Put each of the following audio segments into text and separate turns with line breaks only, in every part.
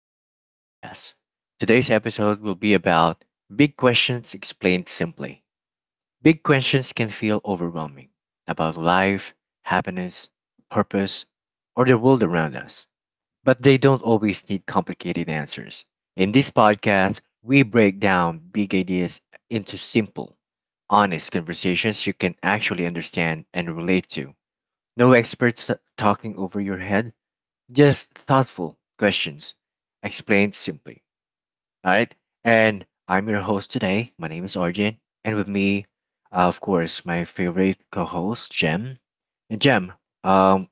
to Arjun's podcast. Today's episode will be about big questions explained simply. Big questions can feel overwhelming about life, happiness, purpose, or the world around us, but they don't always need complicated answers. In this podcast, we break down big ideas into simple, honest conversations you can actually understand and relate to. No experts talking over your head, just thoughtful questions, explained simply. All right. And I'm your host today. My name is Arjun. And with me, of course, my favorite co host, Jem. And Jem, um,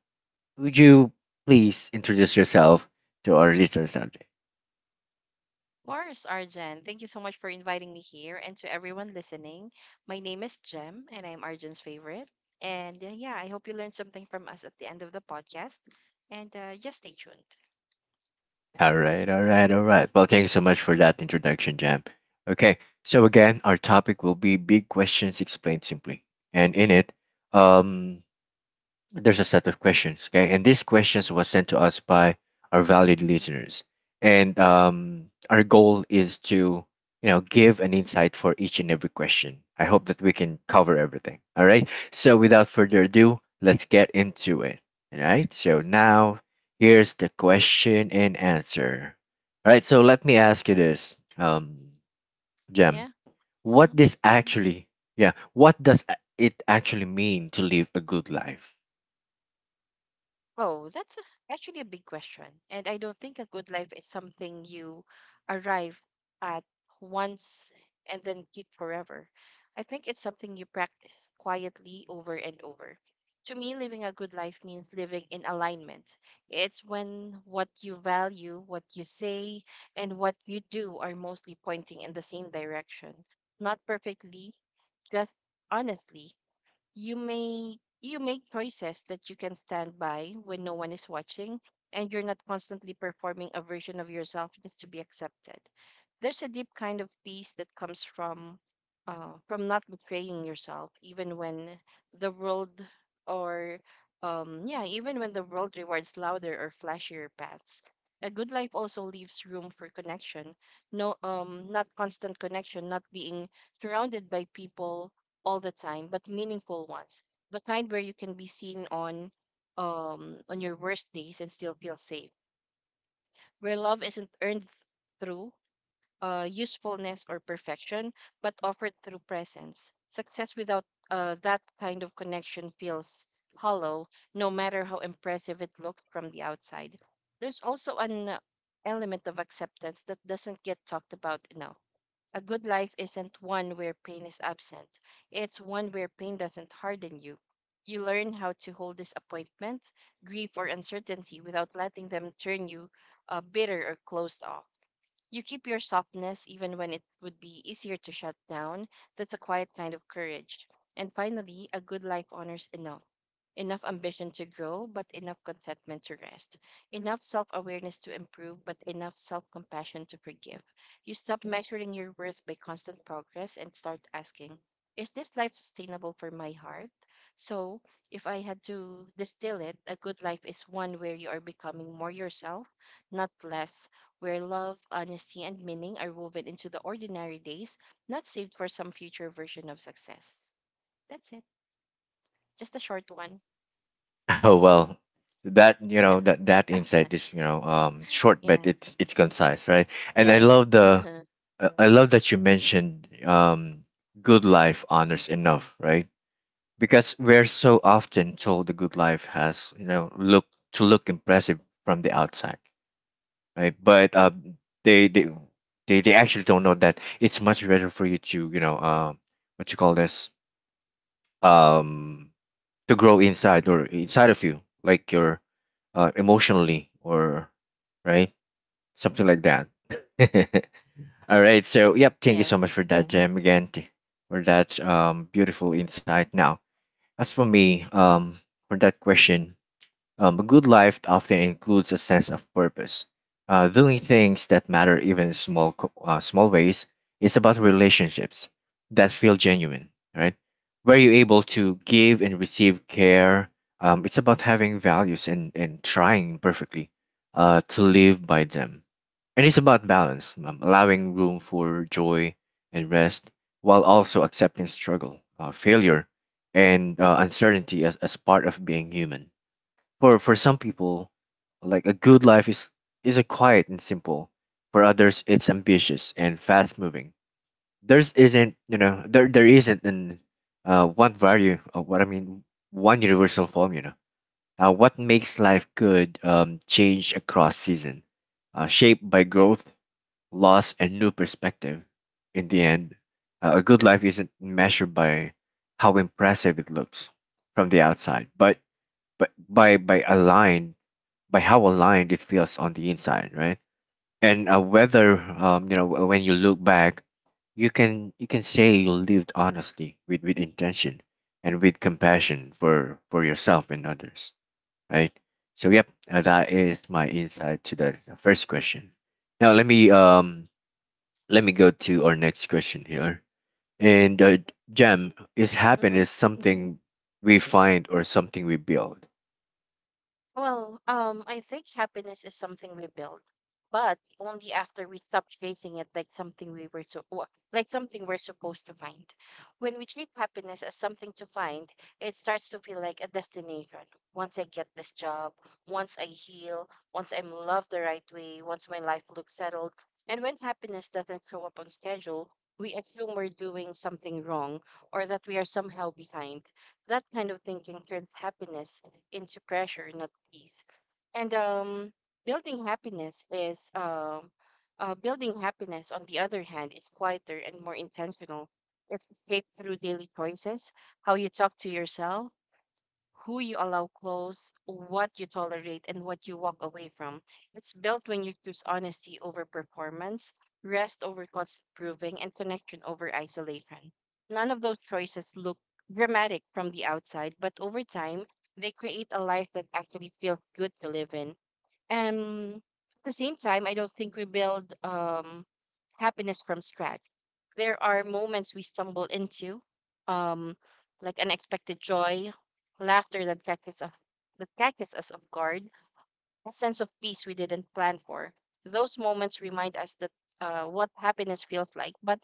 would you please introduce yourself to our listeners out there?
Course, Arjan. Thank you so much for inviting me here and to everyone listening. My name is Jem and I'm Arjan's favorite. And yeah, I hope you learned something from us at the end of the podcast. And just stay tuned.
All right. All right. All right. Well, thank you so much for that introduction, Jam. Okay. So, again, our topic will be big questions explained simply. And in it, um, there's a set of questions, okay, and these questions was sent to us by our valued listeners, and our goal is to give an insight for each and every question. I hope that we can cover everything. All right, so without further ado, let's get into it. All right, so now here's the question and answer. All right, so let me ask you this, Jem,
Yeah.
what
Mhm.
this actually yeah what does it actually mean to live a good life?
Oh, that's actually a big question. And I don't think a good life is something you arrive at once and then keep forever. I think it's something you practice quietly over and over. To me, living a good life means living in alignment. It's when what you value, what you say, and what you do are mostly pointing in the same direction. Not perfectly, just honestly. You may you make choices that you can stand by when no one is watching, and you're not constantly performing a version of yourself just to be accepted. There's a deep kind of peace that comes from not betraying yourself, even when the world or yeah even when the world rewards louder or flashier paths. A good life also leaves room for connection. No, not constant connection, not being surrounded by people all the time, but meaningful ones. The kind where you can be seen on your worst days and still feel safe. Where love isn't earned through usefulness or perfection, but offered through presence. Success without that kind of connection feels hollow, no matter how impressive it looked from the outside. There's also an element of acceptance that doesn't get talked about enough. A good life isn't one where pain is absent. It's one where pain doesn't harden you. You learn how to hold disappointment, grief, or uncertainty without letting them turn you bitter or closed off. You keep your softness even when it would be easier to shut down. That's a quiet kind of courage. And finally, a good life honors enough. Enough ambition to grow, but enough contentment to rest, enough self awareness to improve, but enough self compassion to forgive. You stop measuring your worth by constant progress and start asking, is this life sustainable for my heart? So, if I had to distill it, a good life is one where you are becoming more yourself, not less, where love, honesty, and meaning are woven into the ordinary days, not saved for some future version of success. That's it. Just a short one.
Oh well, that you
Yeah.
know that that insight is short, but
Yeah.
it's concise, right? And
Yeah, yeah.
I love that you mentioned good life honors enough, right? Because we're so often told the good life has you know look to look impressive from the outside, right? But they they they actually don't know that it's much better for you to you know what you call this um to grow inside or inside of you, like your emotionally or right something like that. All right, so yep, thank you
Yeah.
so much for that, again t- for that beautiful insight. Now, as for me, for that question, a good life often includes a sense of purpose. Doing things that matter, even small ways. It's about relationships that feel genuine, right? Where you're able to give and receive care. It's about having values, and trying perfectly to live by them. And it's about balance, allowing room for joy and rest, while also accepting struggle, failure, and uncertainty as part of being human. For some people, a good life is a quiet and simple. For others, it's ambitious and fast moving. There's isn't you know there there isn't an one value what I mean one universal formula. What makes life good change across season, shaped by growth, loss, and new perspective. In the end, a good life isn't measured by how impressive it looks from the outside, but but by by aligned by how aligned it feels on the inside, right? And whether you know w- when you look back, you can say you lived honestly, with intention and with compassion for yourself and others, right? So yep, that is my insight to the first question. Now let me go to our next question here. And Jam, is happiness
Hmm.
something we find or something we build?
Well, I think happiness is something we build, but only after we stop chasing it like something we like something we're supposed to find. When we treat happiness as something to find, it starts to feel like a destination. Once I get this job, once I heal, once I'm loved the right way, once my life looks settled, and when happiness doesn't show up on schedule, we assume we're doing something wrong or that we are somehow behind. That kind of thinking turns happiness into pressure, not peace. And building happiness is um, building happiness, on the other hand, is quieter and more intentional. It's shaped through daily choices: how you talk to yourself, who you allow close, what you tolerate, and what you walk away from. It's built when you choose honesty over performance, rest over constant proving, and connection over isolation. None of those choices look dramatic from the outside, but over time, they create a life that actually feels good to live in. And at the same time, I don't think we build happiness from scratch. There are moments we stumble into, um, like unexpected joy, laughter that catches us off guard, a sense of peace we didn't plan for. Those moments remind us that what happiness feels like, but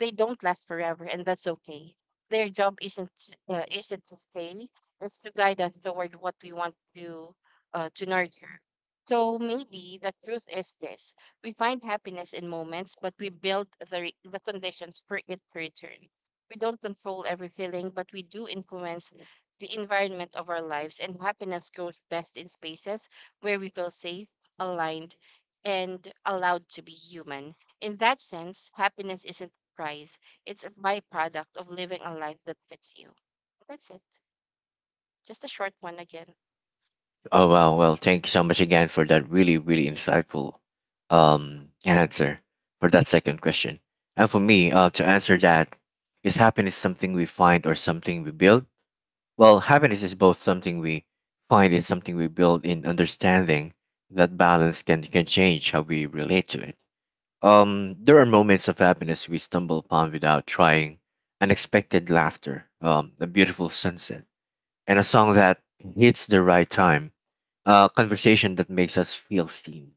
they don't last forever, and that's okay. Their job isn't to stay; it's to guide us toward what we want to nurture. So maybe the truth is this: we find happiness in moments, but we build the conditions for it to return. We don't control every feeling, but we do influence the environment of our lives, and happiness grows best in spaces where we feel safe, aligned, and allowed to be human. In that sense, happiness isn't a prize, it's a byproduct of living a life that fits you. That's it. Just a short one again.
Oh wow, well, thank you so much again for that really, really insightful answer for that second question. And for me, to answer that, is happiness something we find or something we build? Well, happiness is both something we find and something we build. In understanding that balance can change how we relate to it. There are moments of happiness we stumble upon without trying: unexpected laughter, a beautiful sunset, and a song that hits the right time, a conversation that makes us feel seen.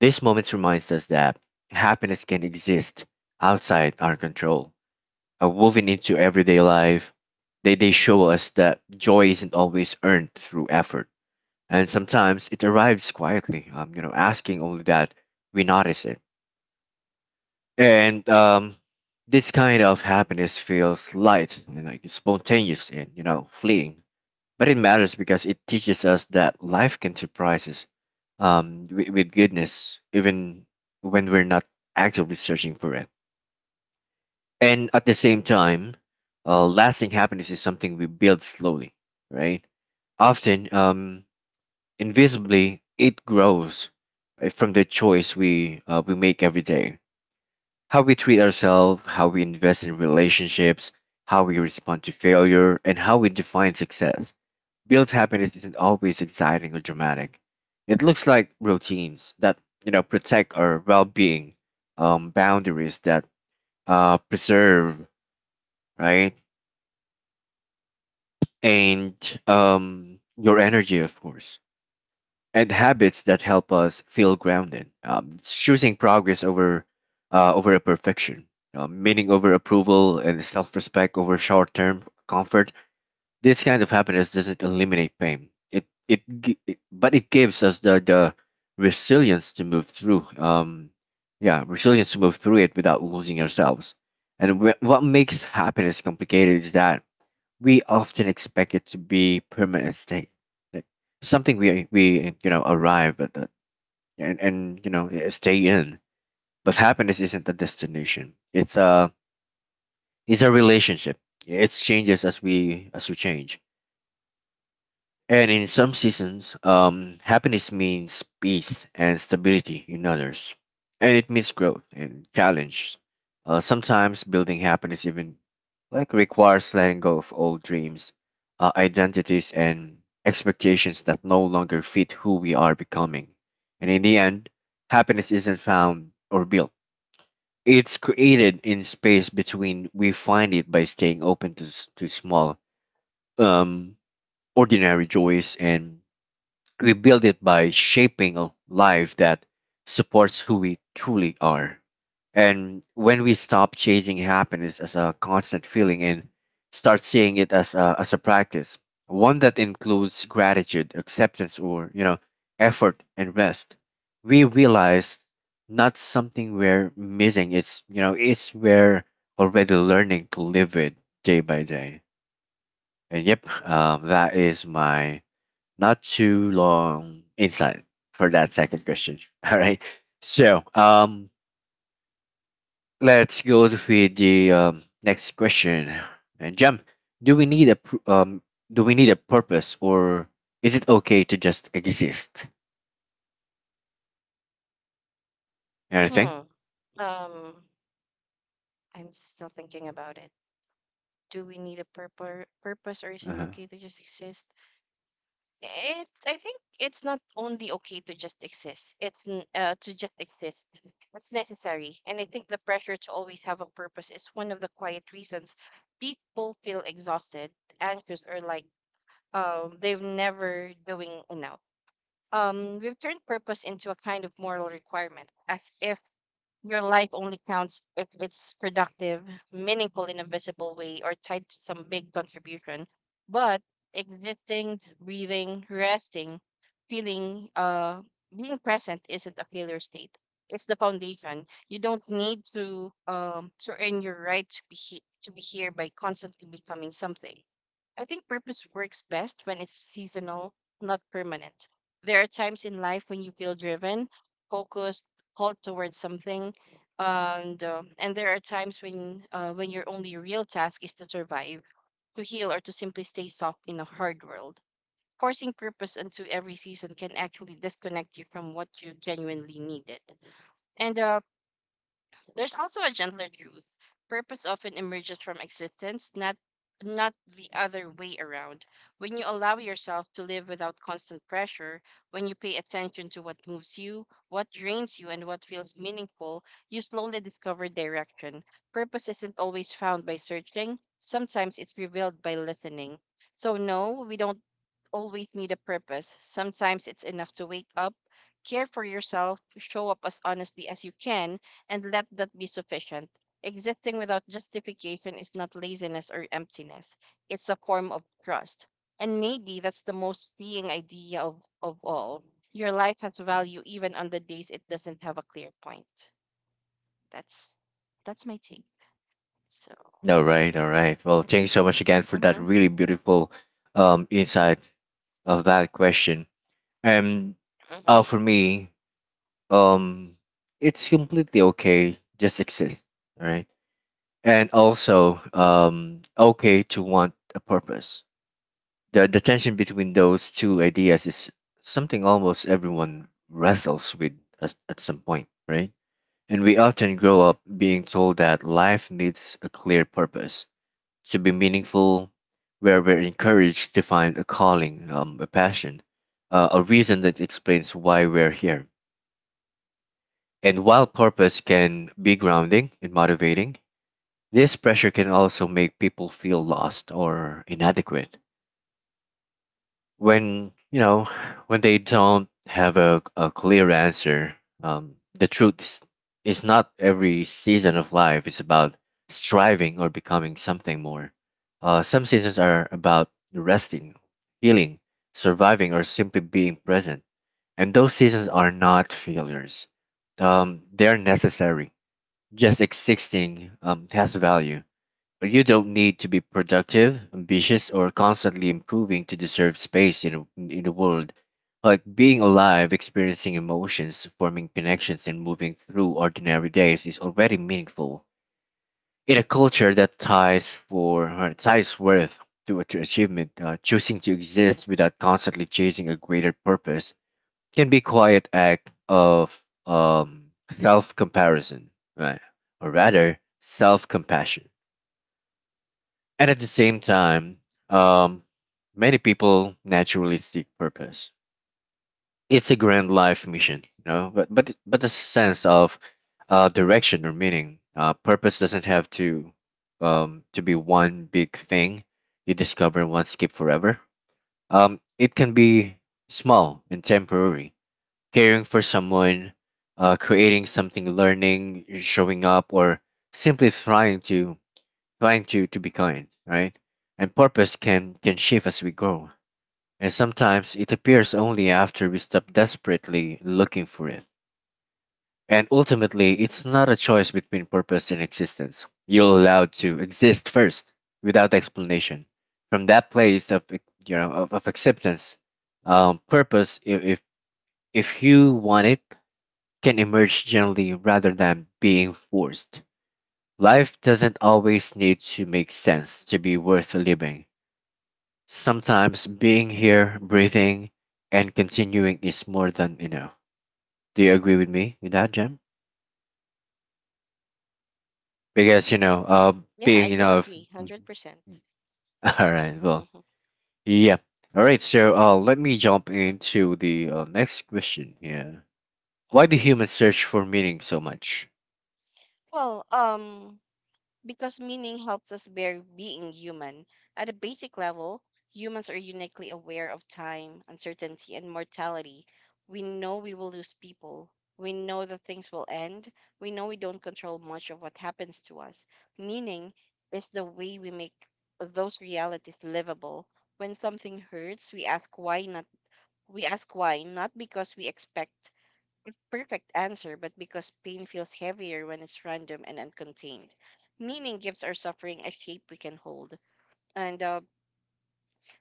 These moments reminds us that happiness can exist outside our control, woven into everyday life. They show us that joy isn't always earned through effort, and sometimes it arrives quietly. Asking only that we notice it. And this kind of happiness feels light and like spontaneous and fleeting, but it matters because it teaches us that life can surprise us with goodness, even when we're not actively searching for it. And at the same time, lasting happiness is something we build slowly, right? Often, invisibly, it grows from the choice we make every day. How we treat ourselves, how we invest in relationships, how we respond to failure, and how we define success. Built happiness isn't always exciting or dramatic. It looks like routines that protect our well-being, boundaries that preserve, right, and your energy, of course, and habits that help us feel grounded. It's choosing progress over over a perfection, meaning over approval, and self-respect over short-term comfort. This kind of happiness doesn't eliminate pain. It, gi- it but it gives us the resilience to move through. Yeah, resilience to move through it without losing ourselves. And what makes happiness complicated is that we often expect it to be permanent state, like something we you know arrive at the, and stay in. But happiness isn't a destination. It's a, it's a relationship. It changes as we change. And in some seasons, happiness means peace and stability in others. And it means growth and challenge. Sometimes building happiness even requires letting go of old dreams, identities, and expectations that no longer fit who we are becoming. And in the end, happiness isn't found or built. It's created in space between. We find it by staying open to, to small, um, ordinary joys, and we build it by shaping a life that supports who we truly are. And when we stop chasing happiness as a constant feeling and start seeing it as a practice, one that includes gratitude, acceptance, or effort and rest, we realize not something we're missing. It's we're already learning to live it day by day. And yep, that is my not too long insight for that second question. All right. So let's go with the next question. And Jem, do we need do we need a purpose, or is it okay to just exist? Anything?
Hmm. Um, I'm still thinking about it. Do we need a purpose, or is it
Uh-huh.
okay to just exist? It I think it's not only okay to just exist. It's necessary, and I think the pressure to always have a purpose is one of the quiet reasons people feel exhausted, anxious, or like they've never doing enough. We've turned purpose into a kind of moral requirement, as if your life only counts if it's productive, meaningful in a visible way, or tied to some big contribution. But existing, breathing, resting, feeling, being present isn't a failure state. It's the foundation. You don't need to earn your right to to be here by constantly becoming something. I think purpose works best when it's seasonal, not permanent. There are times in life when you feel driven, focused, called towards something, and there are times when your only real task is to survive, to heal, or to simply stay soft in a hard world. Forcing purpose into every season can actually disconnect you from what you genuinely needed. And there's also a gentler truth. Purpose often emerges from existence, not the other way around. When you allow yourself to live without constant pressure, when you pay attention to what moves you, what drains you, and what feels meaningful, you slowly discover direction. Purpose isn't always found by searching, sometimes it's revealed by listening. So, no, we don't always need a purpose. Sometimes it's enough to wake up, care for yourself, show up as honestly as you can, and let that be sufficient. Existing without justification is not laziness or emptiness, it's a form of trust. And maybe that's the most freeing idea of all. Your life has value even on the days it doesn't have a clear point. That's that's my take. So.
All right, all right. Well, thanks so much again for that
Mhm,
really beautiful insight of that question. And
mhm.
for me, um, it's completely okay just exist. All right, and also okay to want a purpose. The tension between those two ideas is something almost everyone wrestles with at some point, right? And we often grow up being told that life needs a clear purpose to be meaningful, where we're encouraged to find a calling, a passion, a reason that explains why we're here. And while purpose can be grounding and motivating, this pressure can also make people feel lost or inadequate when when they don't have a clear answer. The truth is not every season of life is about striving or becoming something more. Some seasons are about resting, healing, surviving, or simply being present. And those seasons are not failures. They're necessary. Just existing has value. You don't need to be productive, ambitious, or constantly improving to deserve space in in the world. Like being alive, experiencing emotions, forming connections, and moving through ordinary days is already meaningful. In a culture that ties worth to achievement, choosing to exist without constantly chasing a greater purpose can be quiet act of self comparison, right? Or rather, self compassion. And at the same time, um, many people naturally seek purpose. It's a grand life mission, but but the sense of direction or meaning, purpose doesn't have to be one big thing you discover and want keep forever. It can be small and temporary: caring for someone, creating something, learning, showing up, or simply trying to be kind, right? And purpose can shift as we grow, and sometimes it appears only after we stop desperately looking for it. And ultimately, it's not a choice between purpose and existence. You're allowed to exist first, without explanation. From that place of of acceptance, purpose, if you want it, can emerge gently rather than being forced. Life doesn't always need to make sense to be worth living. Sometimes being here, breathing, and continuing is more than enough. Do you agree with me with that, Jem? Because you know,
Yeah, I
being
do
enough.
agree,
Mhm.
100%. percent
All right. Well,
Hmm.
yeah. All right. So let me jump into the next question here. Why do
Hmm.
humans search for meaning so much?
Well, because meaning helps us bear being human. At a basic level, humans are uniquely aware of time, uncertainty, and mortality. We know we will lose people. We know that things will end. We know we don't control much of what happens to us. Meaning is the way we make those realities livable. When something hurts, we ask why not. We ask why, not because we expect perfect answer, but because pain feels heavier when it's random and uncontained. Meaning gives our suffering a shape we can hold. And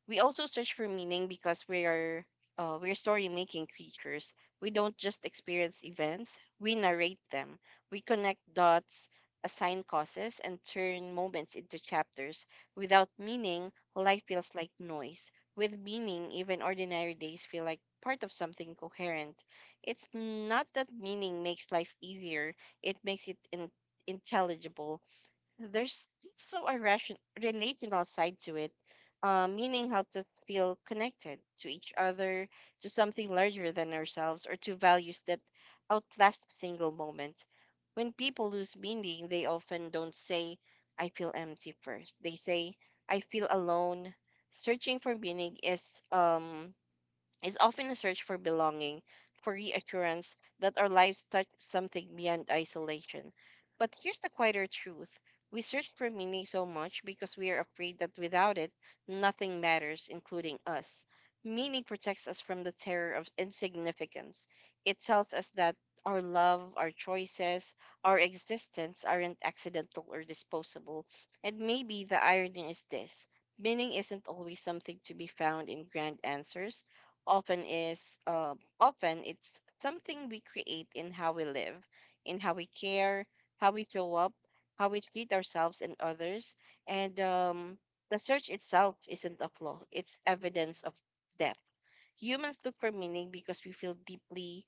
we also search for meaning because we're story making creatures. We don't just experience events, we narrate them. We connect dots, assign causes, and turn moments into chapters. Without meaning, life feels like noise. With meaning, even ordinary days feel like part of something coherent. It's not that meaning makes life easier, it makes it intelligible. There's also a relational side to it, meaning how to feel connected to each other, to something larger than ourselves, or to values that outlast a single moment. When people lose meaning, they often don't say, I feel empty, first. They say, I feel alone. Searching for meaning is often a search for belonging, for reassurance that our lives touch something beyond isolation. But here's the quieter truth: we search for meaning so much because we are afraid that without it, nothing matters, including us. Meaning protects us from the terror of insignificance. It tells us that our love, our choices, our existence aren't accidental or disposable. And maybe the irony is this: meaning isn't always something to be found in grand answers. often is uh, Often it's something we create in how we live, in how we care, how we show up, how we treat ourselves and others. And the search itself isn't a flaw, it's evidence of depth. Humans look for meaning because we feel deeply,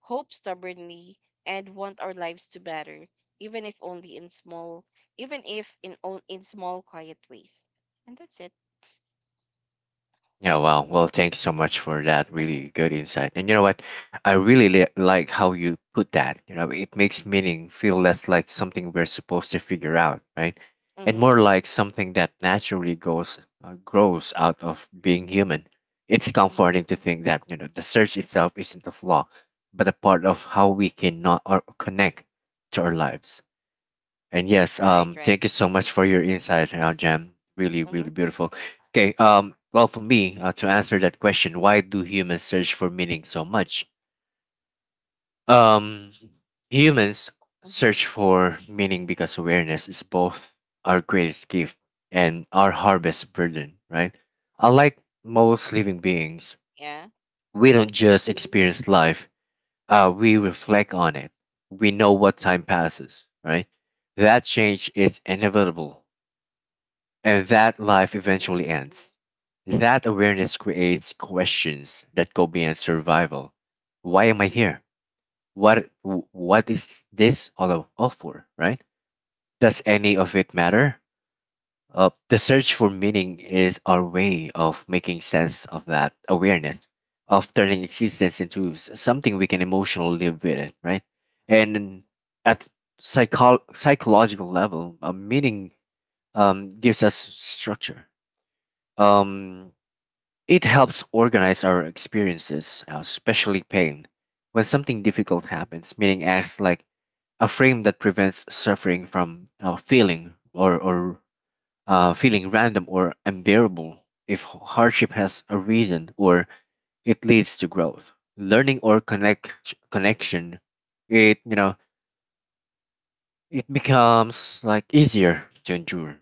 hope stubbornly, and want our lives to matter, even if only in small even if in on, in small quiet ways. And that's it.
Yeah, wow. Well, thanks so much for that
Mm-hmm,
really good insight. And you know what? I really
mm-hmm,
li like how you put that. You know, it makes meaning feel less like something we're supposed to figure out, right?
mm-hmm,
And more like something that naturally goes grows out of being human. It's
mm-hmm.
comforting to think that, you know, the search itself isn't a flaw, but a part of how we can not or connect to our lives. And yes,
Right, right.
thank you so much for your insight, Jam. Really,
Mm-hmm,
really beautiful. Okay, well, for me, to answer that question, why do humans search for meaning so much? Um, Humans
mm-hmm.
search for meaning because awareness is both our greatest gift and our hardest burden, right? Unlike most living beings,
Yeah.
we don't
Mhm.
just experience life, we reflect on it. We know what time passes, right? That change is inevitable, and that life
Mhm.
eventually ends. That awareness creates questions that go beyond survival. Why am I here? What is this all for, right? Does any of it matter? The search for meaning is our way of making sense of that awareness, of turning existence into something we can emotionally live with, right? And at psychological level, meaning gives us structure. Um, It helps organize our experiences, especially pain. When something difficult happens, meaning acts like a frame that prevents suffering from feeling random or unbearable. If hardship has a reason or it leads to growth, learning, or connection, it you know it becomes like easier to endure.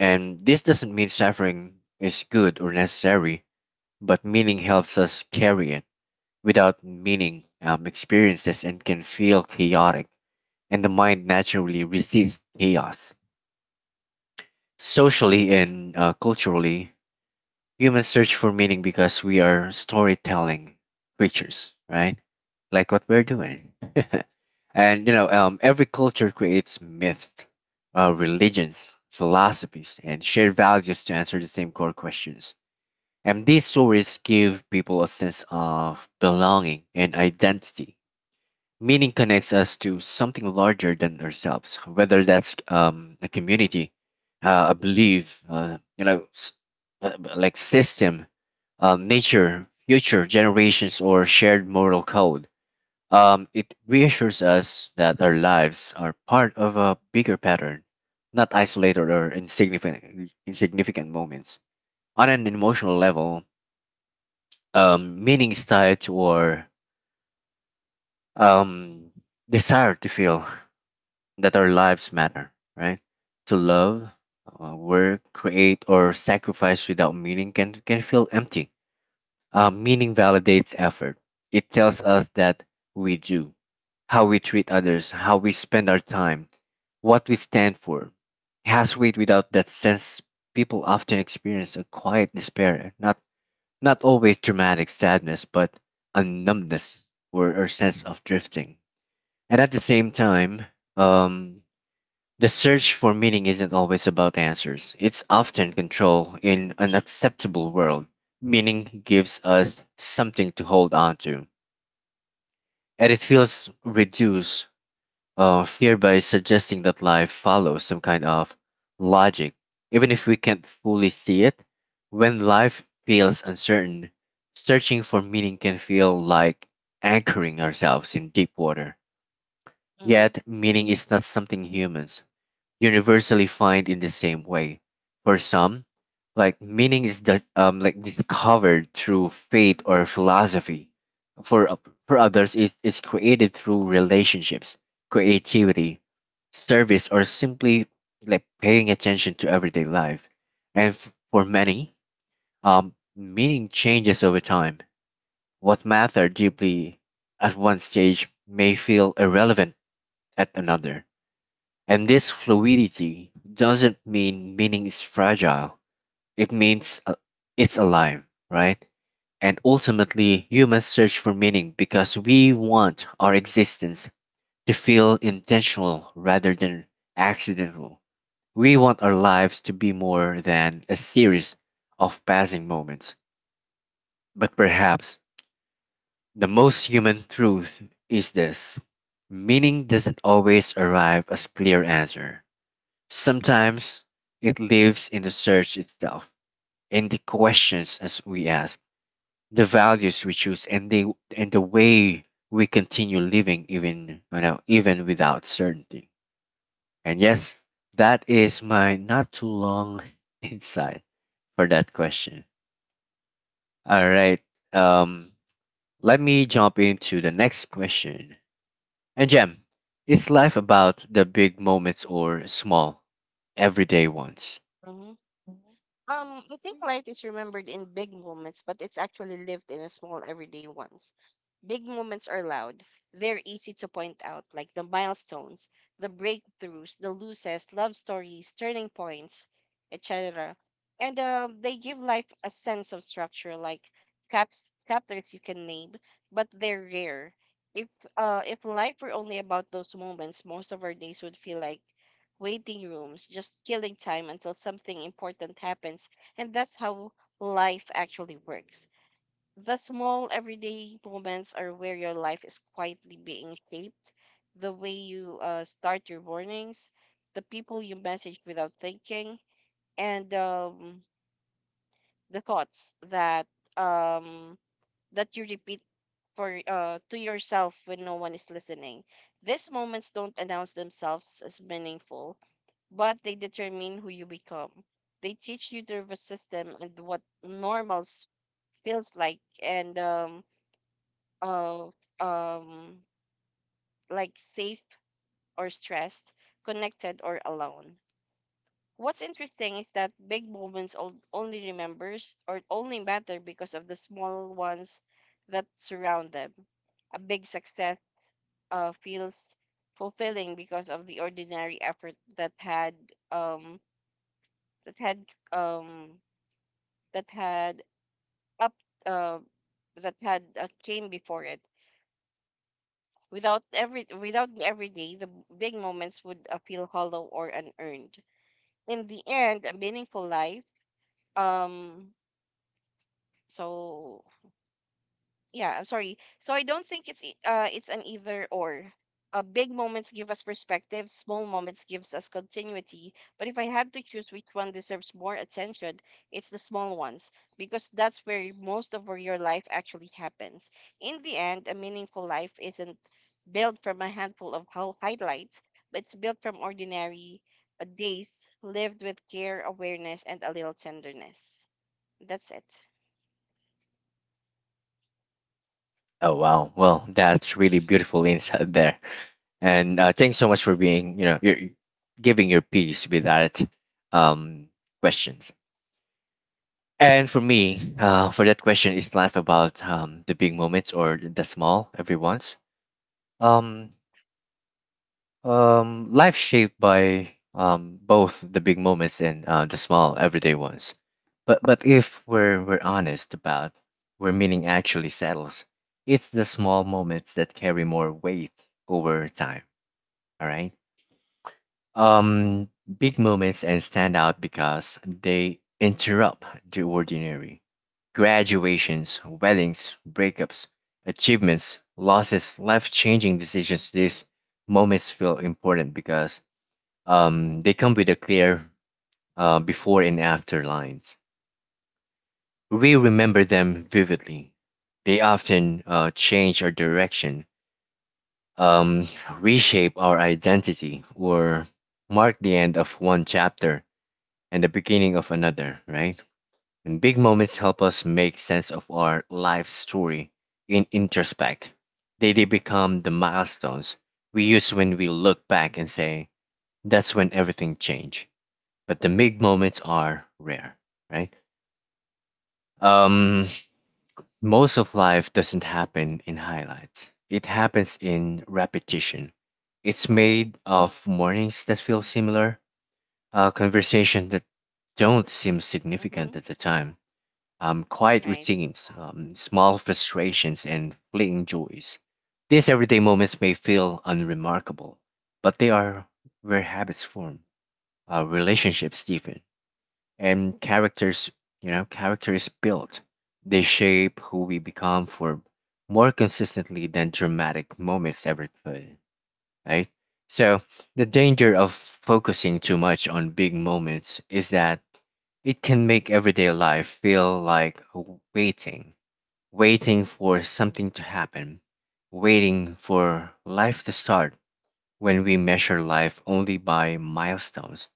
And this doesn't mean suffering is good or necessary, but meaning helps us carry it. Without meaning, experiences and can feel chaotic, and the mind naturally resists chaos. Socially and culturally, humans search for meaning because we are storytelling creatures, right? Like what we're doing. And every culture creates myths, religions, philosophies, and shared values to answer the same core questions. And these stories give people a sense of belonging and identity. Meaning connects us to something larger than ourselves, whether that's a community, a belief, you know, s- like system, nature, future generations, or shared moral code. It reassures us that our lives are part of a bigger pattern, not isolated or insignificant moments. On an emotional level, meaning is tied to our um, desire to feel that our lives matter, right? To love, work, create, or sacrifice without meaning can feel empty. Meaning validates effort. It tells us that we do, how we treat others, how we spend our time, what we stand for. It has weight. Without that sense, people often experience a quiet despair, not always dramatic sadness, but a numbness or sense of drifting. And at the same time, um, the search for meaning isn't always about answers. It's often control in an acceptable world. Meaning gives us something to hold on to. And it feels reduced fear by suggesting that life follows some kind of logic, even if we can't fully see it. When life feels uncertain, searching for meaning can feel like anchoring ourselves in deep water.
Mhm.
Yet, meaning is not something humans universally find in the same way. For some, like meaning is that like discovered through faith or philosophy. For o- for others, it is created through relationships, creativity, service, or simply like paying attention to everyday life. And for many, meaning changes over time. What matter deeply at one stage may feel irrelevant at another. And this fluidity doesn't mean meaning is fragile. It means it's alive, right? And ultimately, humans search for meaning because we want our existence to feel intentional rather than accidental. We want our lives to be more than a series of passing moments. But perhaps the most human truth is this: meaning doesn't always arrive as clear answer. Sometimes it lives in the search itself, in the questions as we ask, the values we choose, and the way we continue living, even you know even without certainty. And yes, that is my not too long insight for that question. All right. Um Let me jump into the next question. And Jem, is life about the big moments or small everyday ones?
Mhm. I think life is remembered in big moments, but it's actually lived in a small everyday ones. Big moments are loud. They're easy to point out, like the milestones, the breakthroughs, the losses, love stories, turning points, etc. And they give life a sense of structure, like caps chapters you can name, but they're rare. If if life were only about those moments, most of our days would feel like waiting rooms, just killing time until something important happens. And that's how life actually works. The small everyday moments are where your life is quietly being shaped. The way you start your mornings, the people you message without thinking, and the thoughts that um, that you repeat for to yourself when no one is listening. These moments don't announce themselves as meaningful, but they determine who you become. They teach you the nervous system and what feels like, and uh, um, like safe or stressed, connected or alone. What's interesting is that big moments only remembers or only matter because of the small ones that surround them. A big success feels fulfilling because of the ordinary effort that had um that had um that had up uh, that had came before it. Without the everyday, the big moments would feel hollow or unearned. In the end, a meaningful life. Um. So yeah, I'm sorry, so I don't think it's an either or. Big moments give us perspective, small moments gives us continuity, but if I had to choose which one deserves more attention, it's the small ones, because that's where most of where your life actually happens. In the end, a meaningful life isn't built from a handful of highlights, but it's built from ordinary days lived with care, awareness, and a little tenderness. That's it.
Oh wow! Well, that's really beautiful insight there, and thanks so much for being, you know, you're giving your piece with that um, questions. And for me, for that question, is life about the big moments or the small every once? Um, Life shaped by both the big moments and the small everyday ones. But if we're honest about where meaning actually settles, it's the small moments that carry more weight over time. All right. Um, Big moments and stand out because they interrupt the ordinary. Graduations, weddings, breakups, achievements, losses, life-changing decisions. These moments feel important because they come with a clear before and after lines. We remember them vividly. They often change our direction, um, reshape our identity, or mark the end of one chapter and the beginning of another, right? And big moments help us make sense of our life story in introspect. They become the milestones we use when we look back and say, that's when everything changed. But the big moments are rare, right? Um, Most of life doesn't happen in highlights. It happens in repetition. It's
Oh.
made of mornings that feel similar, conversations that don't seem
Mm-hmm.
significant at the time, quiet
Right.
routines, small frustrations, and fleeting joys. These everyday moments may feel unremarkable, but they are where habits form, relationships deepen, and characters you know characters built. They shape who we become for more consistently than dramatic moments ever could, right? So the danger of focusing too much on big moments is that it can make everyday life feel like waiting, waiting for something to happen, waiting for life to start. When we measure life only by milestones,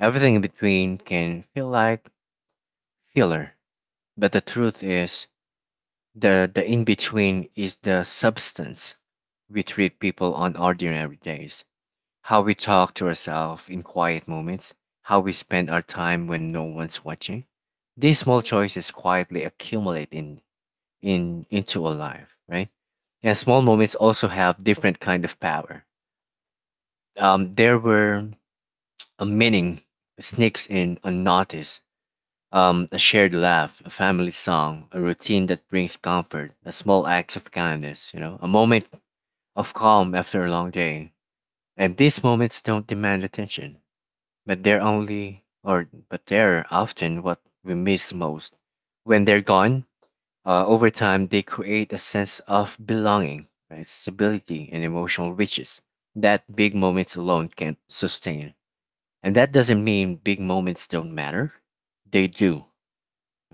everything in between can feel like filler. But the truth is, the in between is the substance. We treat people on ordinary days, how we talk to ourselves in quiet moments, how we spend our time when no one's watching. These small choices quietly accumulate in into a life, right? And small moments also have different kind of power. There were a meaning sneaks in unnoticed. A shared laugh, a family song, a routine that brings comfort, a small act of kindness, you know, a moment of calm after a long day. And these moments don't demand attention, but they're often what we miss most. When they're gone, over time they create a sense of belonging, right, stability, and emotional riches that big moments alone can't sustain. And that doesn't mean big moments don't matter. They do,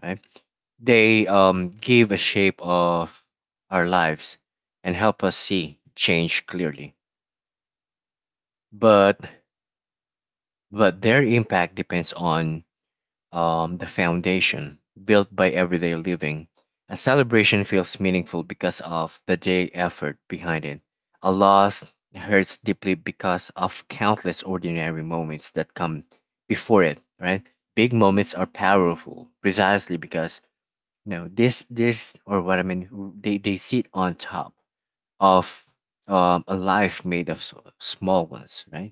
right? They give a shape of our lives and help us see change clearly. But but their impact depends on the foundation built by everyday living. A celebration feels meaningful because of the day effort behind it. A loss hurts deeply because of countless ordinary moments that come before it, right? Big moments are powerful precisely because— no, this or what I mean, w- they sit on top of a life made of small ones, right?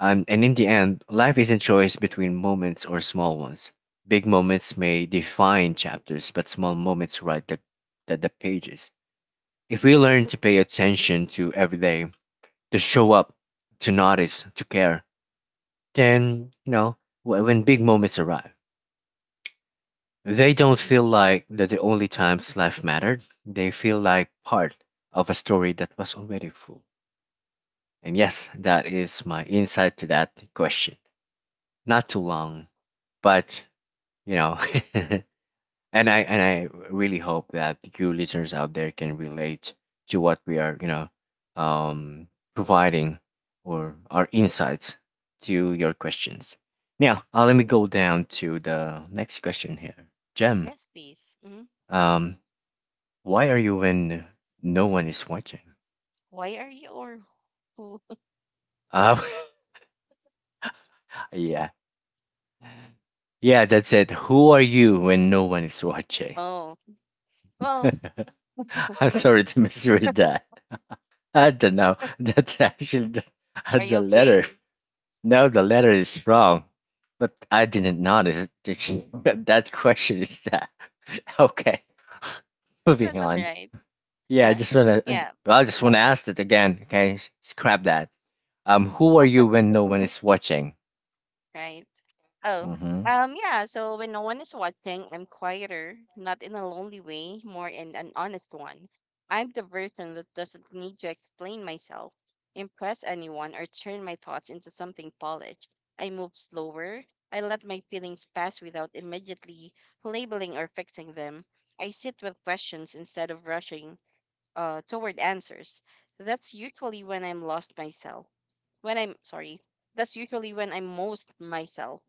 And in the end, life is a choice between moments or small ones. Big moments may define chapters, but small moments write the pages. If we learn to pay attention to every day, to show up, to notice, to care, then you know when big moments arrive, they don't feel like that the only times life mattered. They feel like part of a story that was already full. And yes, that is my insight to that question. Not too long, but you know, and I really hope that you listeners out there can relate to what we are, you know, providing or our insights to your questions. Now, let me go down to the next question here. Jem,
Yes, please. Hmm.
um, Why are you when no one is watching?
Why are you, or who?
Oh, yeah. Yeah, that's it. Who are you when no one is watching?
Oh, well,
I'm sorry to misread that. I don't know. That's actually the,
are you
the letter.
okay?
No, the letter is wrong. But I didn't notice that that question is that. Okay, moving
That's all
on.
right.
Yeah, I
Uh,
just wanna.
yeah.
Well, I just wanna ask it again. Okay, scrap that. Who are you when no one is watching?
Right. Oh,
Mm-hmm.
yeah. So when no one is watching, I'm quieter, not in a lonely way, more in an honest one. I'm the version that doesn't need to explain myself, impress anyone, or turn my thoughts into something polished. I move slower. I let my feelings pass without immediately labeling or fixing them. I sit with questions instead of rushing toward answers. That's usually when I'm lost myself. When, I'm sorry, that's usually when I'm most myself.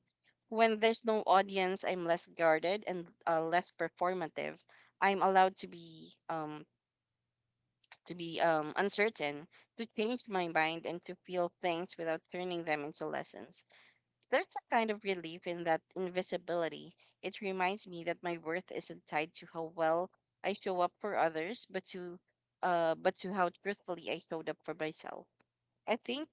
When there's no audience, I'm less guarded and less performative. I'm allowed to be uncertain, to change my mind, and to feel things without turning them into lessons. There's a kind of relief in that invisibility. It reminds me that my worth isn't tied to how well I show up for others, but to how truthfully I showed up for myself. I think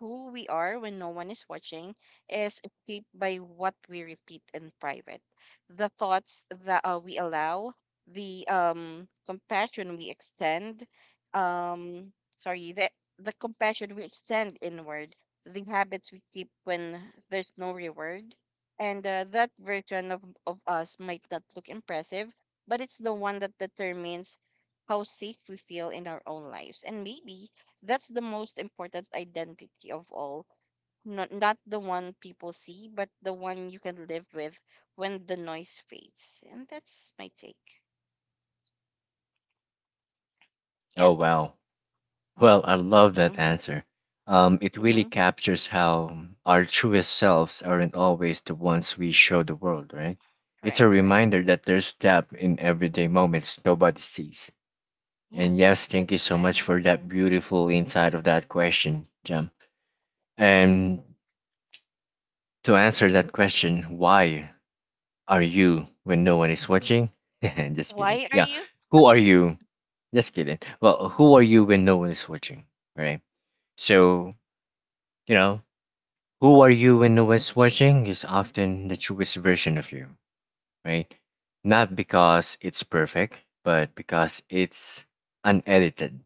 who we are when no one is watching is shaped by what we repeat in private, the thoughts that we allow, the compassion we extend, sorry, the compassion we extend inward, the habits we keep when there's no reward, and that version of us might not look impressive, but it's the one that determines how safe we feel in our own lives, and maybe that's the most important identity of all. Not the one people see, but the one you can live with when the noise fades. And that's my take. Yeah.
Oh well. Well, I love that
Mm-hmm.
answer. It really
Mm-hmm.
captures how our truest selves aren't always the ones we show the world, right? It's a
Right, right.
reminder that there's depth in everyday moments nobody sees.
Yeah,
And yes,
that
thank
is
you so much
correct.
for that
That's
beautiful insight of that question, Jam.
right. Mm-hmm.
And to answer that question, why are you when no one is watching? Just kidding.
Why are
Yeah,
you?
who are you? Just kidding. Well, who are you when no one is watching? All right. So, you know, who are you when no one's watching is often the truest version of you, right? Not because it's perfect, but because it's unedited.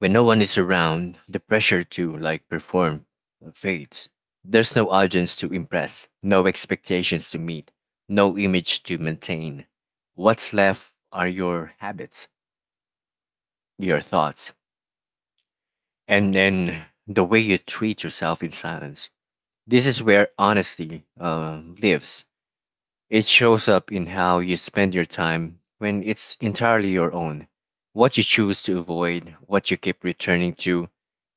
When no one is around, the pressure to like perform fades. There's no audience to impress, no expectations to meet, no image to maintain. What's left are your habits, your thoughts, and then the way you treat yourself in silence. This is where honesty lives. It shows up in how you spend your time when it's entirely your own, what you choose to avoid, what you keep returning to,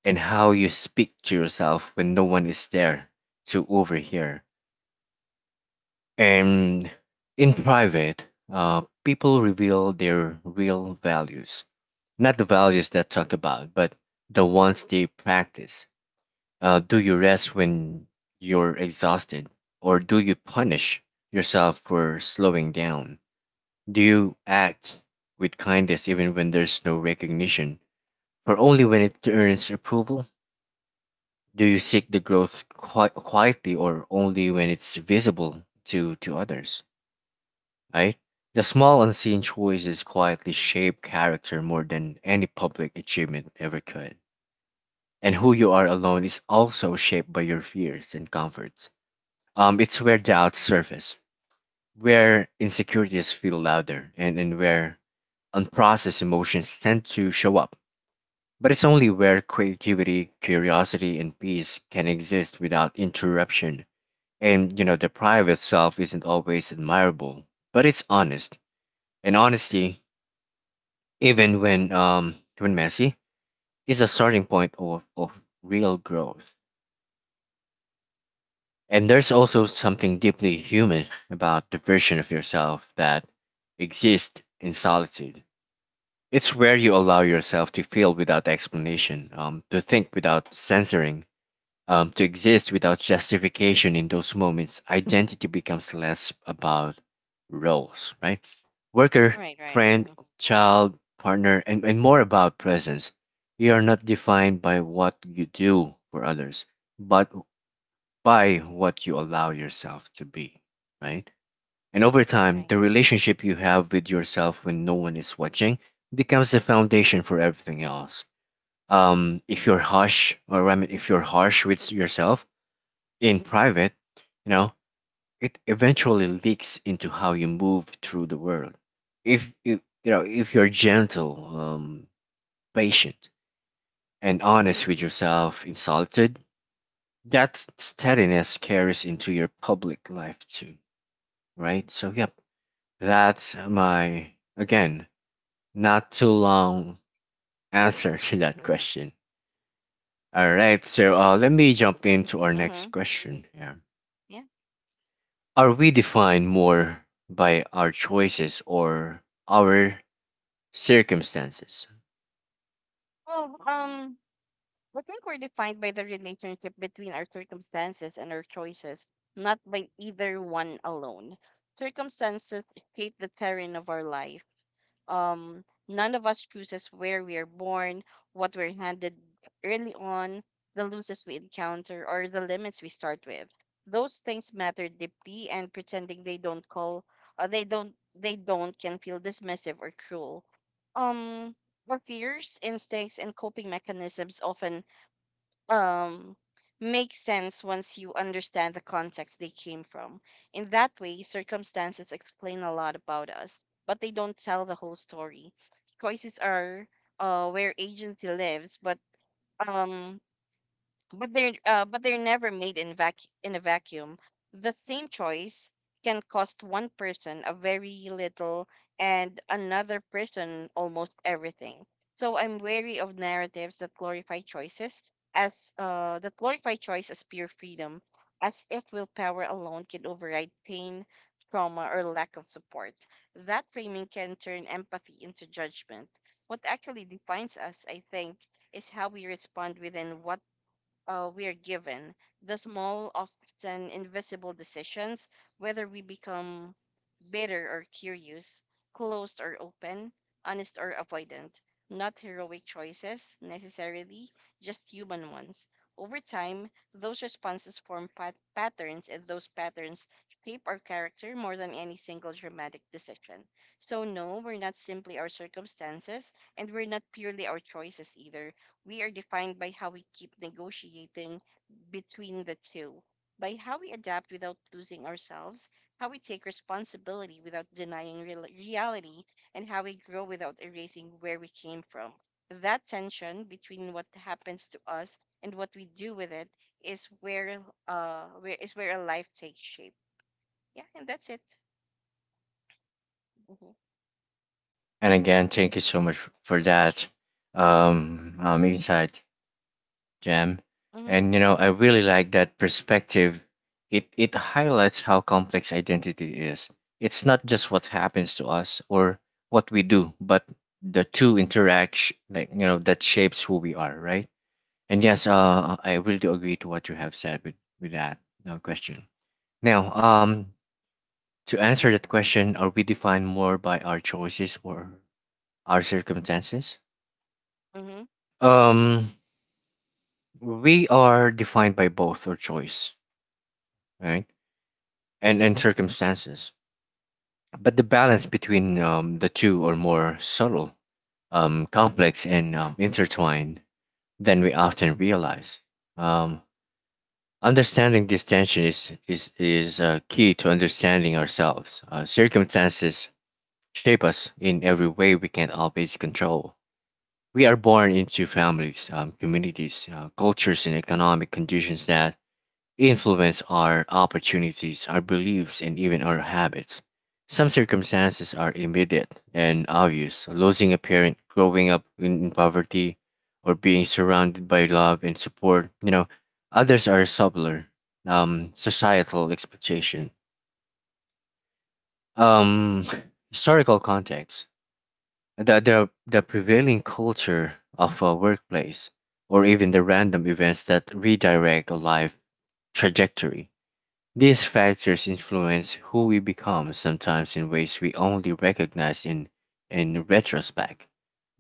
and how you speak to yourself when no one is there to overhear. And in private, people reveal their real values, not the values that talk about, but the ones they practice. Do you rest when you're exhausted, or do you punish yourself for slowing down? Do you act with kindness even when there's no recognition, or only when it earns approval? Do you seek the growth quietly, or only when it's visible to others? Right? The small unseen choices quietly shape character more than any public achievement ever could. And who you are alone is also shaped by your fears and comforts. It's where doubts surface, where insecurities feel louder, and where unprocessed emotions tend to show up. But it's only where creativity, curiosity, and peace can exist without interruption. And, you know, the private self isn't always admirable, but it's honest. And honesty, even when messy, is a starting point of real growth. And there's also something deeply human about the version of yourself that exists in solitude. It's where you allow yourself to feel without explanation, to think without censoring, to exist without justification in those moments, identity becomes less about roles, right? Worker,
Right, right.
friend,
Mm.
child, partner, and more about presence. You are not defined by what you do for others, but by what you allow yourself to be, right? And over time, the
Right.
relationship you have with yourself when no one is watching becomes the foundation for everything else. If you're harsh, or I mean, If you're harsh with yourself, in private, you know, it eventually leaks into how you move through the world. If you, you know, if you're gentle, patient, and honest with yourself in solitude, that steadiness carries into your public life too, right? So, yep, that's my again not too long answer to that question. All right, so let me jump into our
Mm-hmm.
next question. Here.
Yeah.
Are we defined more by our choices or our circumstances?
Well, I think we're defined by the relationship between our circumstances and our choices, not by either one alone. Circumstances shape the terrain of our life. None of us chooses where we are born, what we're handed early on, the losses we encounter, or the limits we start with. Those things matter deeply, and pretending they don't call, they don't can feel dismissive or cruel. Um, our fears, instincts, and coping mechanisms often um makes sense once you understand the context they came from. In that way, circumstances explain a lot about us, but they don't tell the whole story. Choices are where agency lives, but um they're never made in a vacuum. The same choice can cost one person a very little and another person almost everything. So I'm wary of narratives that glorify choice as pure freedom, as if willpower alone can override pain, trauma, or lack of support. That framing can turn empathy into judgment. What actually defines us, I think, is how we respond within what we are given, the small, often invisible decisions, whether we become bitter or curious, closed or open, honest or avoidant, not heroic choices necessarily, just human ones. Over time, those responses form patterns, and those patterns shape our character more than any single dramatic decision. So no, we're not simply our circumstances, and we're not purely our choices either. We are defined by how we keep negotiating between the two, by how we adapt without losing ourselves, how we take responsibility without denying reality, and how we grow without erasing where we came from. That tension between what happens to us and what we do with it is where a life takes shape. Yeah, and that's it. Mm-hmm.
And again, thank you so much for that insight, Jam.
Mm-hmm.
And you
Yeah.
know, I really like that perspective. It highlights how complex identity is. It's not just what happens to us or what we do, but the two interact, like you know, that shapes who we are, right? And yes, I really do agree to what you have said with that question. Now, to answer that question, are we defined more by our choices or our circumstances?
Mm-hmm.
Um, we are defined by both our choice, right, and circumstances. But the balance between the two are more subtle, complex, and intertwined than we often realize. Um, Understanding this tension is key to understanding ourselves. Circumstances shape us in every way we can always control. We are born into families, communities, cultures, and economic conditions that influence our opportunities, our beliefs, and even our habits. Some circumstances are immediate and obvious losing a parent, growing up in poverty, or being surrounded by love and support. You know, others are subtler, societal expectation, um, historical context the prevailing culture of a workplace or even the random events that redirect a life trajectory. These factors influence who we become, sometimes in ways we only recognize in retrospect.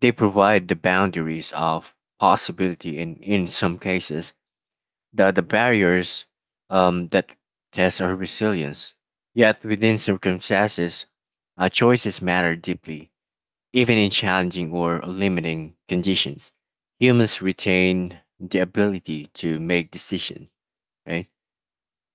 They provide the boundaries of possibility and, in some cases, the barriers that test our resilience. Yet, within circumstances, our choices matter deeply even in challenging or limiting conditions, humans retain the ability to make decisions, right?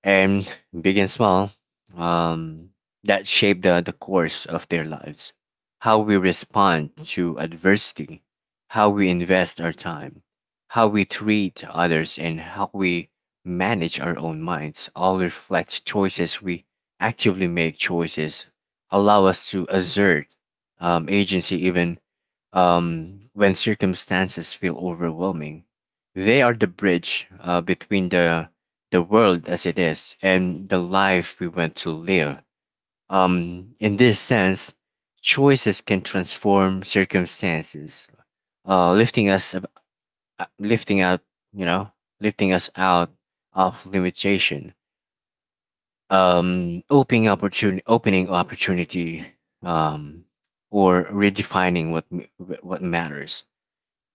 And big and small, um, that shape the course of their lives. How we respond to adversity, how we invest our time, how we treat others, and how we manage our own minds all reflect choices we actively make choices allow us to assert agency even when circumstances feel overwhelming. They are the bridge between the world as it is and the life we want to live. In this sense, choices can transform circumstances, uh, lifting us, ab- lifting out, you know, lifting us out of limitation, opening opportunity, um, or redefining what matters.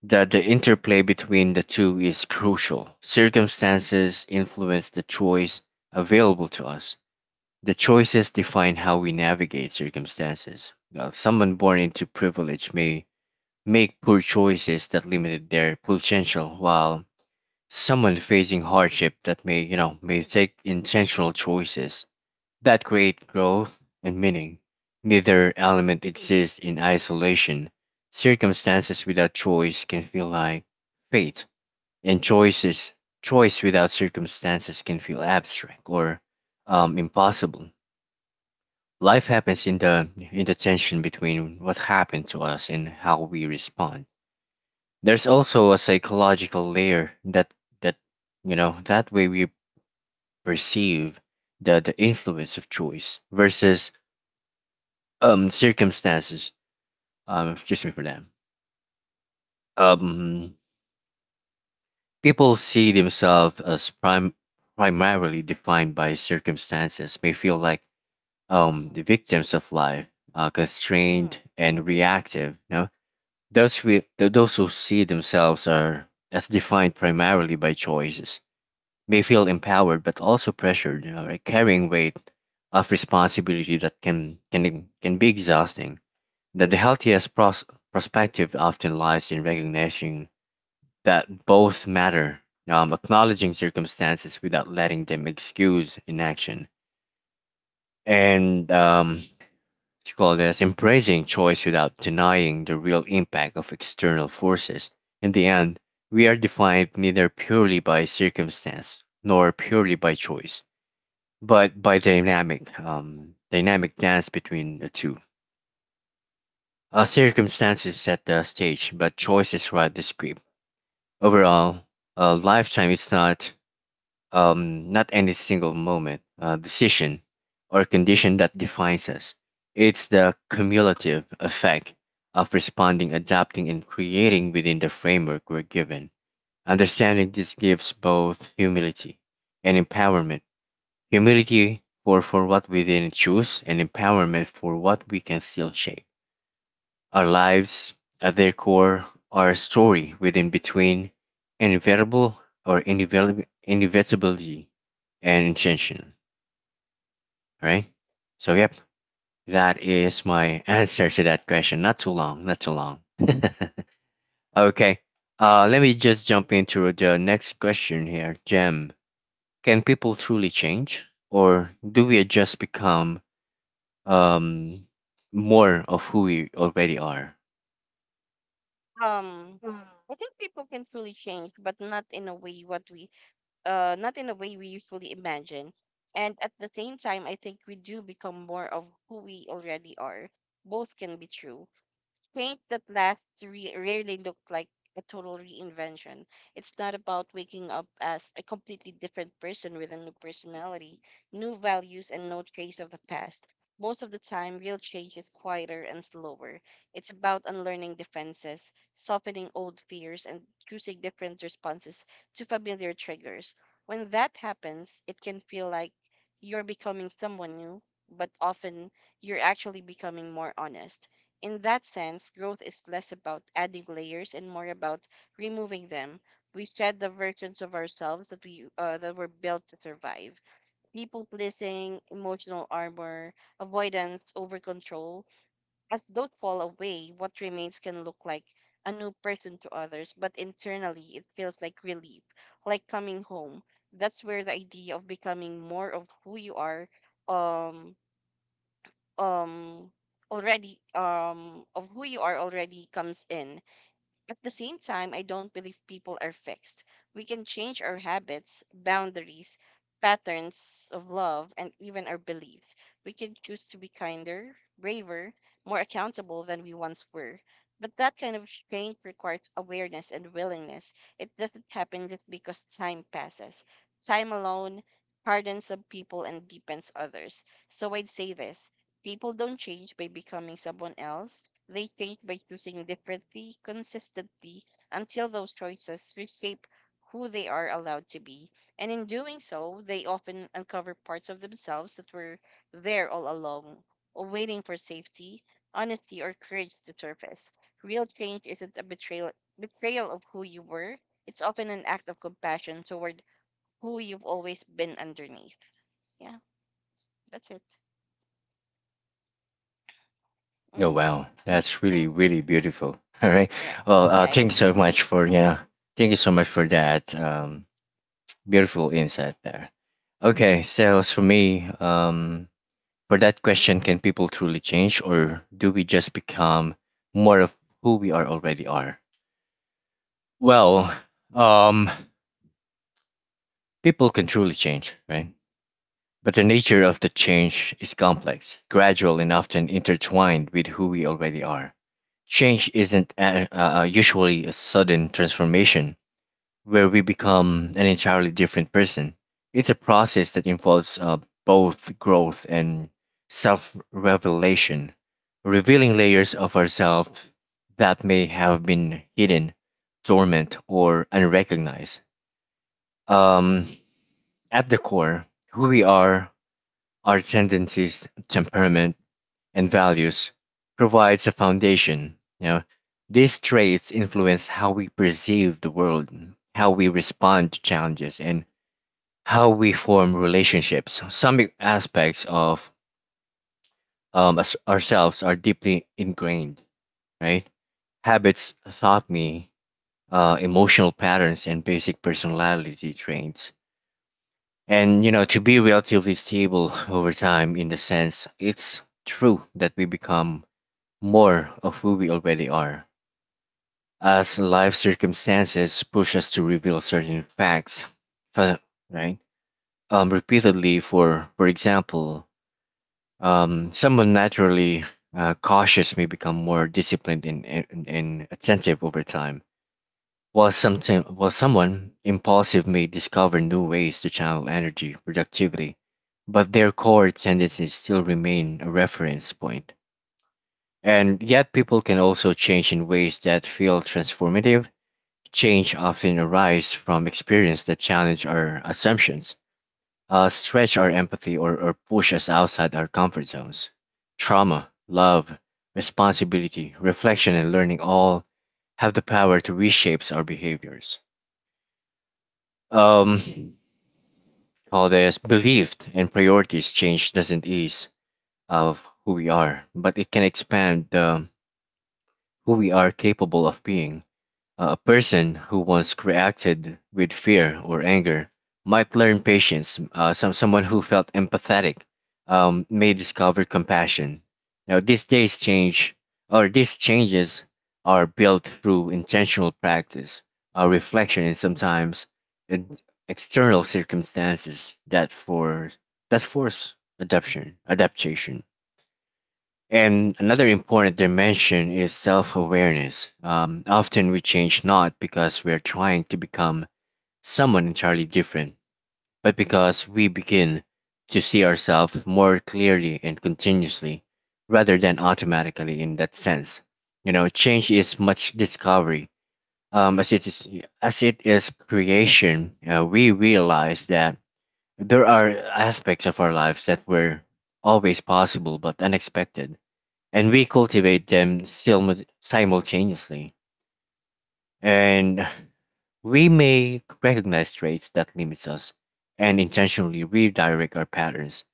That the interplay between the two is crucial. Circumstances influence the choice available to us. The choices define how we navigate circumstances. Now, someone born into privilege may make poor choices that limited their potential, while someone facing hardship that may, you know, may take intentional choices that create growth and meaning. Neither element exists in isolation. Circumstances without choice can feel like fate, and choice without circumstances can feel abstract or impossible. Life happens in the tension between what happened to us and how we respond. There's also a psychological layer that you know that way we perceive the influence of choice versus circumstances excuse me for that. um People see
Mm-hmm.
themselves as prime primarily defined by circumstances may feel like
Mm-hmm.
the victims of life,
Mm-hmm.
constrained and reactive, you know, those who see themselves are as defined primarily by choices may feel empowered but also pressured, you know, like carrying weight of responsibility that can be exhausting. That the healthiest perspective often lies in recognition that both matter, acknowledging circumstances without letting them excuse inaction, and what you call this embracing choice without denying the real impact of external forces. In the end, we are defined neither purely by circumstance nor purely by choice, but by dynamic dynamic dance between the two. Our circumstances set the stage, but choices write the script. Overall, lifetime is not not any single moment, decision, or condition that defines us. It's the cumulative effect of responding, adapting, and creating within the framework we're given. Understanding this gives both humility and empowerment. Humility for what we didn't choose, and empowerment for what we can still shape. Our lives, at their core, are a story within between inevitable or inevitability, and intention, right? So, yep, that is my answer to that question. Not too long, not too long. Okay, let me just jump into the next question here, Jem. Can people truly change, or do we just become um, more of who we already are?
Um, I think people can truly change, but not in a way what we not in a way we usually imagine. And at the same time, I think we do become more of who we already are. Both can be true. Paint that lasts rarely looked like a total reinvention. It's not about waking up as a completely different person with a new personality, new values, and no trace of the past. Most of the time, real change is quieter and slower. It's about unlearning defenses, softening old fears, and choosing different responses to familiar triggers. When that happens, it can feel like you're becoming someone new, but often you're actually becoming more honest. In that sense, growth is less about adding layers and more about removing them. We shed the versions of ourselves that we that were built to survive. People pleasing, emotional armor, avoidance, over control. As those fall away, what remains can look like a new person to others, but internally it feels like relief, like coming home. That's where the idea of becoming more of who you are um um already of who you are already comes in. At the same time, I don't believe people are fixed. We can change our habits, boundaries, patterns of love, and even our beliefs. We can choose to be kinder, braver, more accountable than we once were, but that kind of change requires awareness and willingness. It doesn't happen just because time passes. Time alone hardens some people and deepens others. So I'd say this. People don't change by becoming someone else. They change by choosing differently, consistently, until those choices reshape who they are allowed to be. And in doing so, they often uncover parts of themselves that were there all along, waiting for safety, honesty, or courage to surface. Real change isn't betrayal of who you were, it's often an act of compassion toward who you've always been underneath. Yeah, that's it.
Oh
Hmm.
wow, that's
Yeah,
really really beautiful. All right.
right.
Well,
Yeah, it.
thank you so much for yeah. Thank you so much for
Yeah.
that beautiful insight there. Okay, so as for me, for that question, can people truly change, or do we just become more of who we are already are? Well, um, people can truly change, right? But the nature of the change is complex, gradual, and often intertwined with who we already are. Change isn't usually a sudden transformation where we become an entirely different person. It's a process that involves both growth and self revelation, revealing layers of ourselves that may have been hidden, dormant, or unrecognized. Um, at the core, who we are, our tendencies, temperament, and values provides a foundation. You know, these traits influence how we perceive the world, how we respond to challenges, and how we form relationships. Some aspects of ourselves are deeply ingrained, right? Habits taught me emotional patterns and basic personality traits. And you know, to be relatively stable over time, in the sense, it's true that we become more of who we already are as life circumstances push us to reveal certain facts, fa- right? Repeatedly, for example, someone naturally cautious may become more disciplined and, and attentive over time, while something while someone impulsive may discover new ways to channel energy productivity, but their core tendencies still remain a reference point. And yet, people can also change in ways that feel transformative. Change often arises from experience that challenge our assumptions, stretch our empathy, or push us outside our comfort zones. Trauma, love, responsibility, reflection, and learning all have the power to reshape our behaviors. Um, all this belief and priorities change doesn't ease of who we are, but it can expand the who we are capable of being. A person who once reacted with fear or anger might learn patience. Someone who felt empathetic may discover compassion. Now, these days change, or these changes are built through intentional practice, reflection, and sometimes ed- external circumstances that force adaptation. Adaptation. And another important dimension is self awareness. Often we change not because we're trying to become someone entirely different, but because we begin to see ourselves more clearly and continuously rather than automatically in that sense. You know, change is much discovery. Um, as it is as it is creation. Uh, we realize that there are aspects of our lives that were always possible but unexpected, and we cultivate them simultaneously. And we may recognize traits that limit us and intentionally redirect our patterns.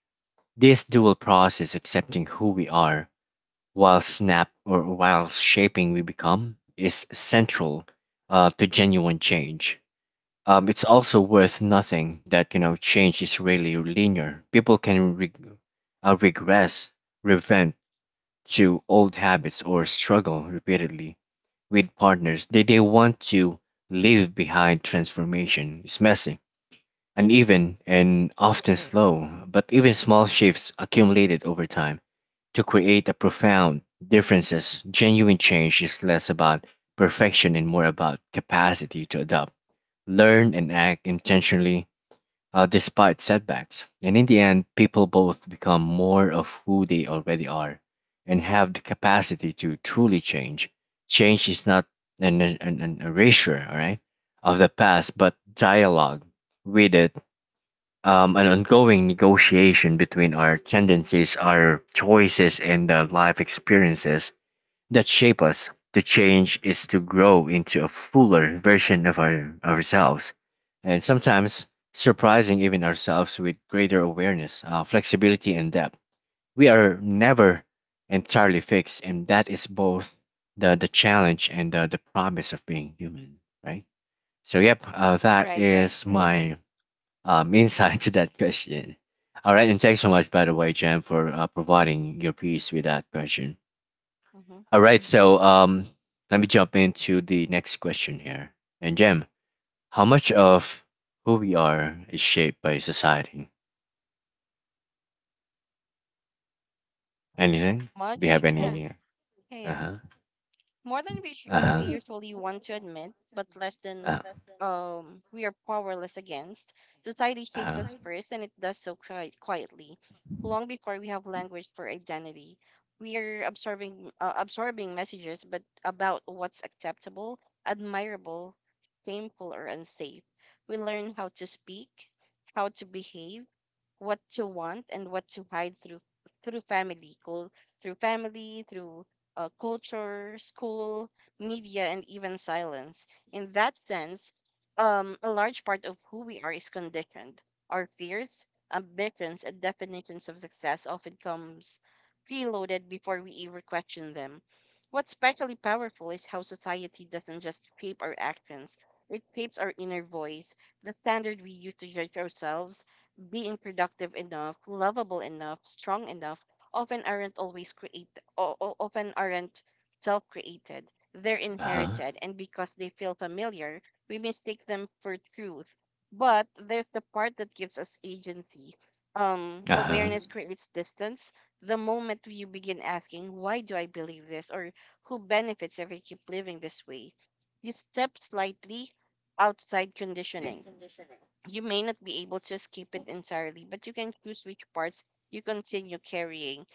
This dual process, accepting who we are while snap or while shaping we become, is central to genuine change. It's also worth nothing that you know change is really linear. People can regress, revent, to old habits or struggle repeatedly with partners that they want to leave behind. Transformation is messy, uneven, and often slow, but even small shifts accumulated over time to create a profound differences. Genuine change is less about perfection and more about capacity to adapt, learn, and act intentionally despite setbacks. And in the end, people both become more of who they already are and have the capacity to truly change. Change is not an erasure, all right, of the past, but dialogue with it, an ongoing negotiation between our tendencies, our choices, and the life experiences that shape us. The change is to grow into a fuller version of ourselves, and sometimes surprising even ourselves with greater awareness, flexibility, and depth. We are never entirely fixed, and that is both the challenge and the promise of being human, right? So, yep, that
Right, right.
is my insight to that question. All right, and thanks so much, by the way, Jen, for providing your piece with that question.
Mm-hmm.
All right, so let me jump into the next question here. And Jem, how much of who we are is shaped by society? Anything? Do you
Much?
have
Yeah.
any?
Yeah,
Uh
yeah.
huh.
More than we, sh-
Uh
we
huh.
usually want to admit, but less than
Uh huh.
we are powerless against. Society shapes us
Uh
first, and it does so quietly, long before we have language for identity. We are absorbing messages but about what's acceptable, admirable, shameful, or unsafe. We learn how to speak, how to behave, what to want, and what to hide through family, cul- through family, through culture, school, media, and even silence. In that sense, a large part of who we are is conditioned. Our fears, ambitions, and definitions of success often comes preloaded before we even question them. What's especially powerful is how society doesn't just shape our actions; it shapes our inner voice, the standard we use to judge ourselves. Being productive enough, lovable enough, strong enough, often aren't always created often aren't self created, they're
huh.
inherited, and because they feel familiar, we mistake them for truth. But there's the part that gives us agency.
Uh huh.
Awareness creates distance. The moment you begin asking, why do I believe this, or who benefits if I keep living this way, you step slightly outside conditioning. You may not be able to escape it entirely, but you can choose which parts you continue carrying.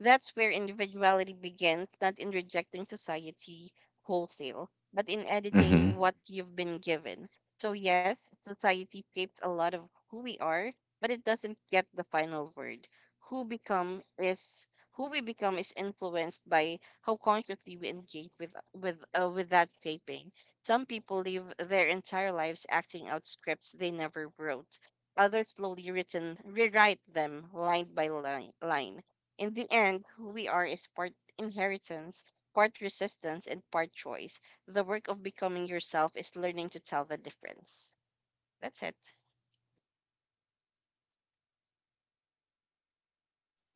That's where individuality begins, not in rejecting society wholesale, but in
Mm-hmm.
editing what you've been given. So yes, society shapes a lot of who we are, but it doesn't get the final word. Who become is who we become is influenced by how consciously we engage with that shaping. Some people live their entire lives acting out scripts they never wrote. Others slowly written rewrite them line by line. In the end, who we are is part inheritance, part resistance, and part choice. The work of becoming yourself is learning to tell the difference. That's it.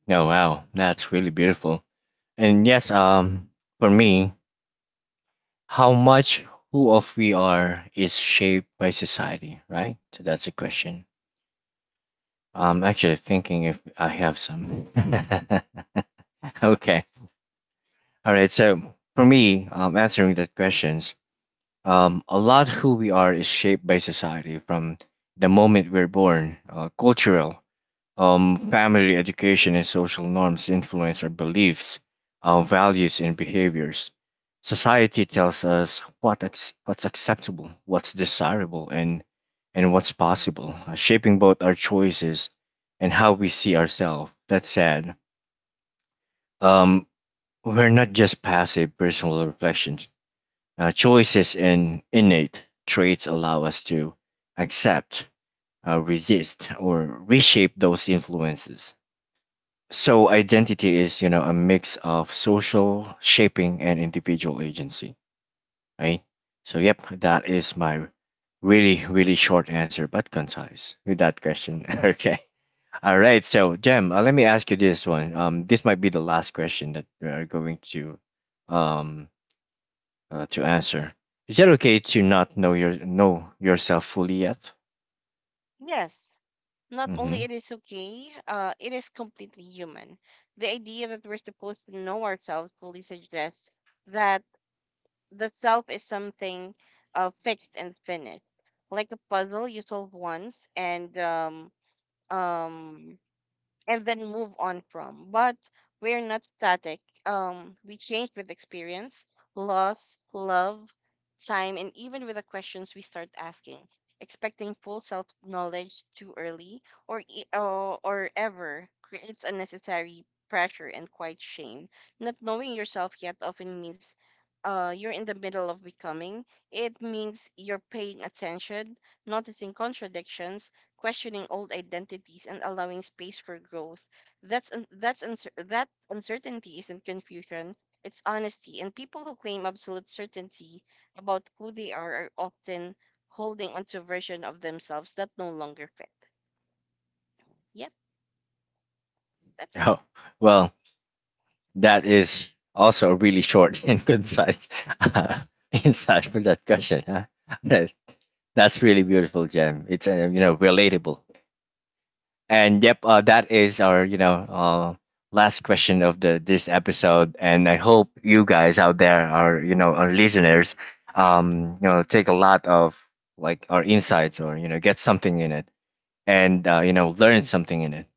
Oh wow, that's really beautiful. And yes, for me, how much who of we are is shaped by society, right? So that's a question. I'm actually thinking if I have some. Okay. All right. So for me, answering the questions, a lot who we are is shaped by society from the moment we're born. Uh, cultural family education and social norms influence our beliefs, our values, and behaviors. Society tells us what's acceptable, what's desirable, and what's possible, shaping both our choices and how we see ourselves. That's sad. Um, we're not just passive personal reflections. Choices and innate traits allow us to accept, resist, or reshape those influences. So identity is, you know, a mix of social shaping and individual agency, right? So yep, that is my really, really short answer, but concise with that question. Okay. All right. So Jem, let me ask you this one. This might be the last question that we are going um, to answer. Is it okay to not know your know yourself fully yet?
Yes, not only
Mm-hmm.
it is okay, it is completely human. The idea that we're supposed to know ourselves fully suggests that the self is something fixed and finished, like a puzzle you solve once um, and then move on from. But we're not static. We change with experience, loss, love, time, and even with the questions we start asking. Expecting full self knowledge too early or, e- or or ever creates unnecessary pressure and quite shame. Not knowing yourself yet often means you're in the middle of becoming. It means you're paying attention, noticing contradictions, questioning old identities, and allowing space for growth. That uncertainty isn't confusion. It's honesty, and people who claim absolute certainty about who they are often holding onto a version of themselves that no longer fit. Yep, that's it.
Oh, well. That is also really short and concise uh, insight for that question. Huh? That- That's really beautiful, Jem. It's you know relatable. And yep, that is our you know last question of the this episode. And I hope you guys out there, our you know our listeners, you know take a lot of like our insights or you know get something in it and you know learn something in it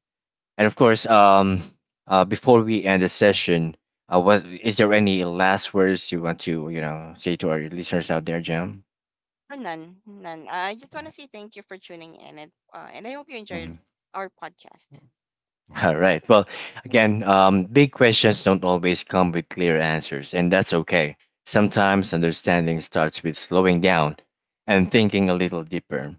and of course, before we end the session, what is there any last words you want to you know say to our listeners out there, Jim?
For none, none. I just want to say thank you for tuning in, and and I hope you enjoyed
Mhm.
our podcast.
All right. Well, again, big questions don't always come with clear answers, and that's okay. Sometimes understanding starts with slowing down and thinking a little deeper.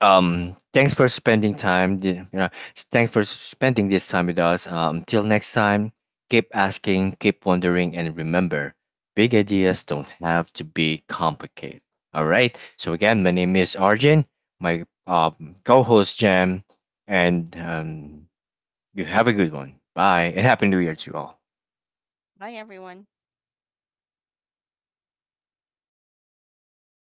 Thanks for spending You know, thanks for spending this time with us. Till next time, keep asking, keep wondering, and remember, big ideas don't have to be complicated. All right. So again, my name is Arjun, my co-host Jam, and you have a good one. Bye, and happy New Year to you all.
Bye, everyone.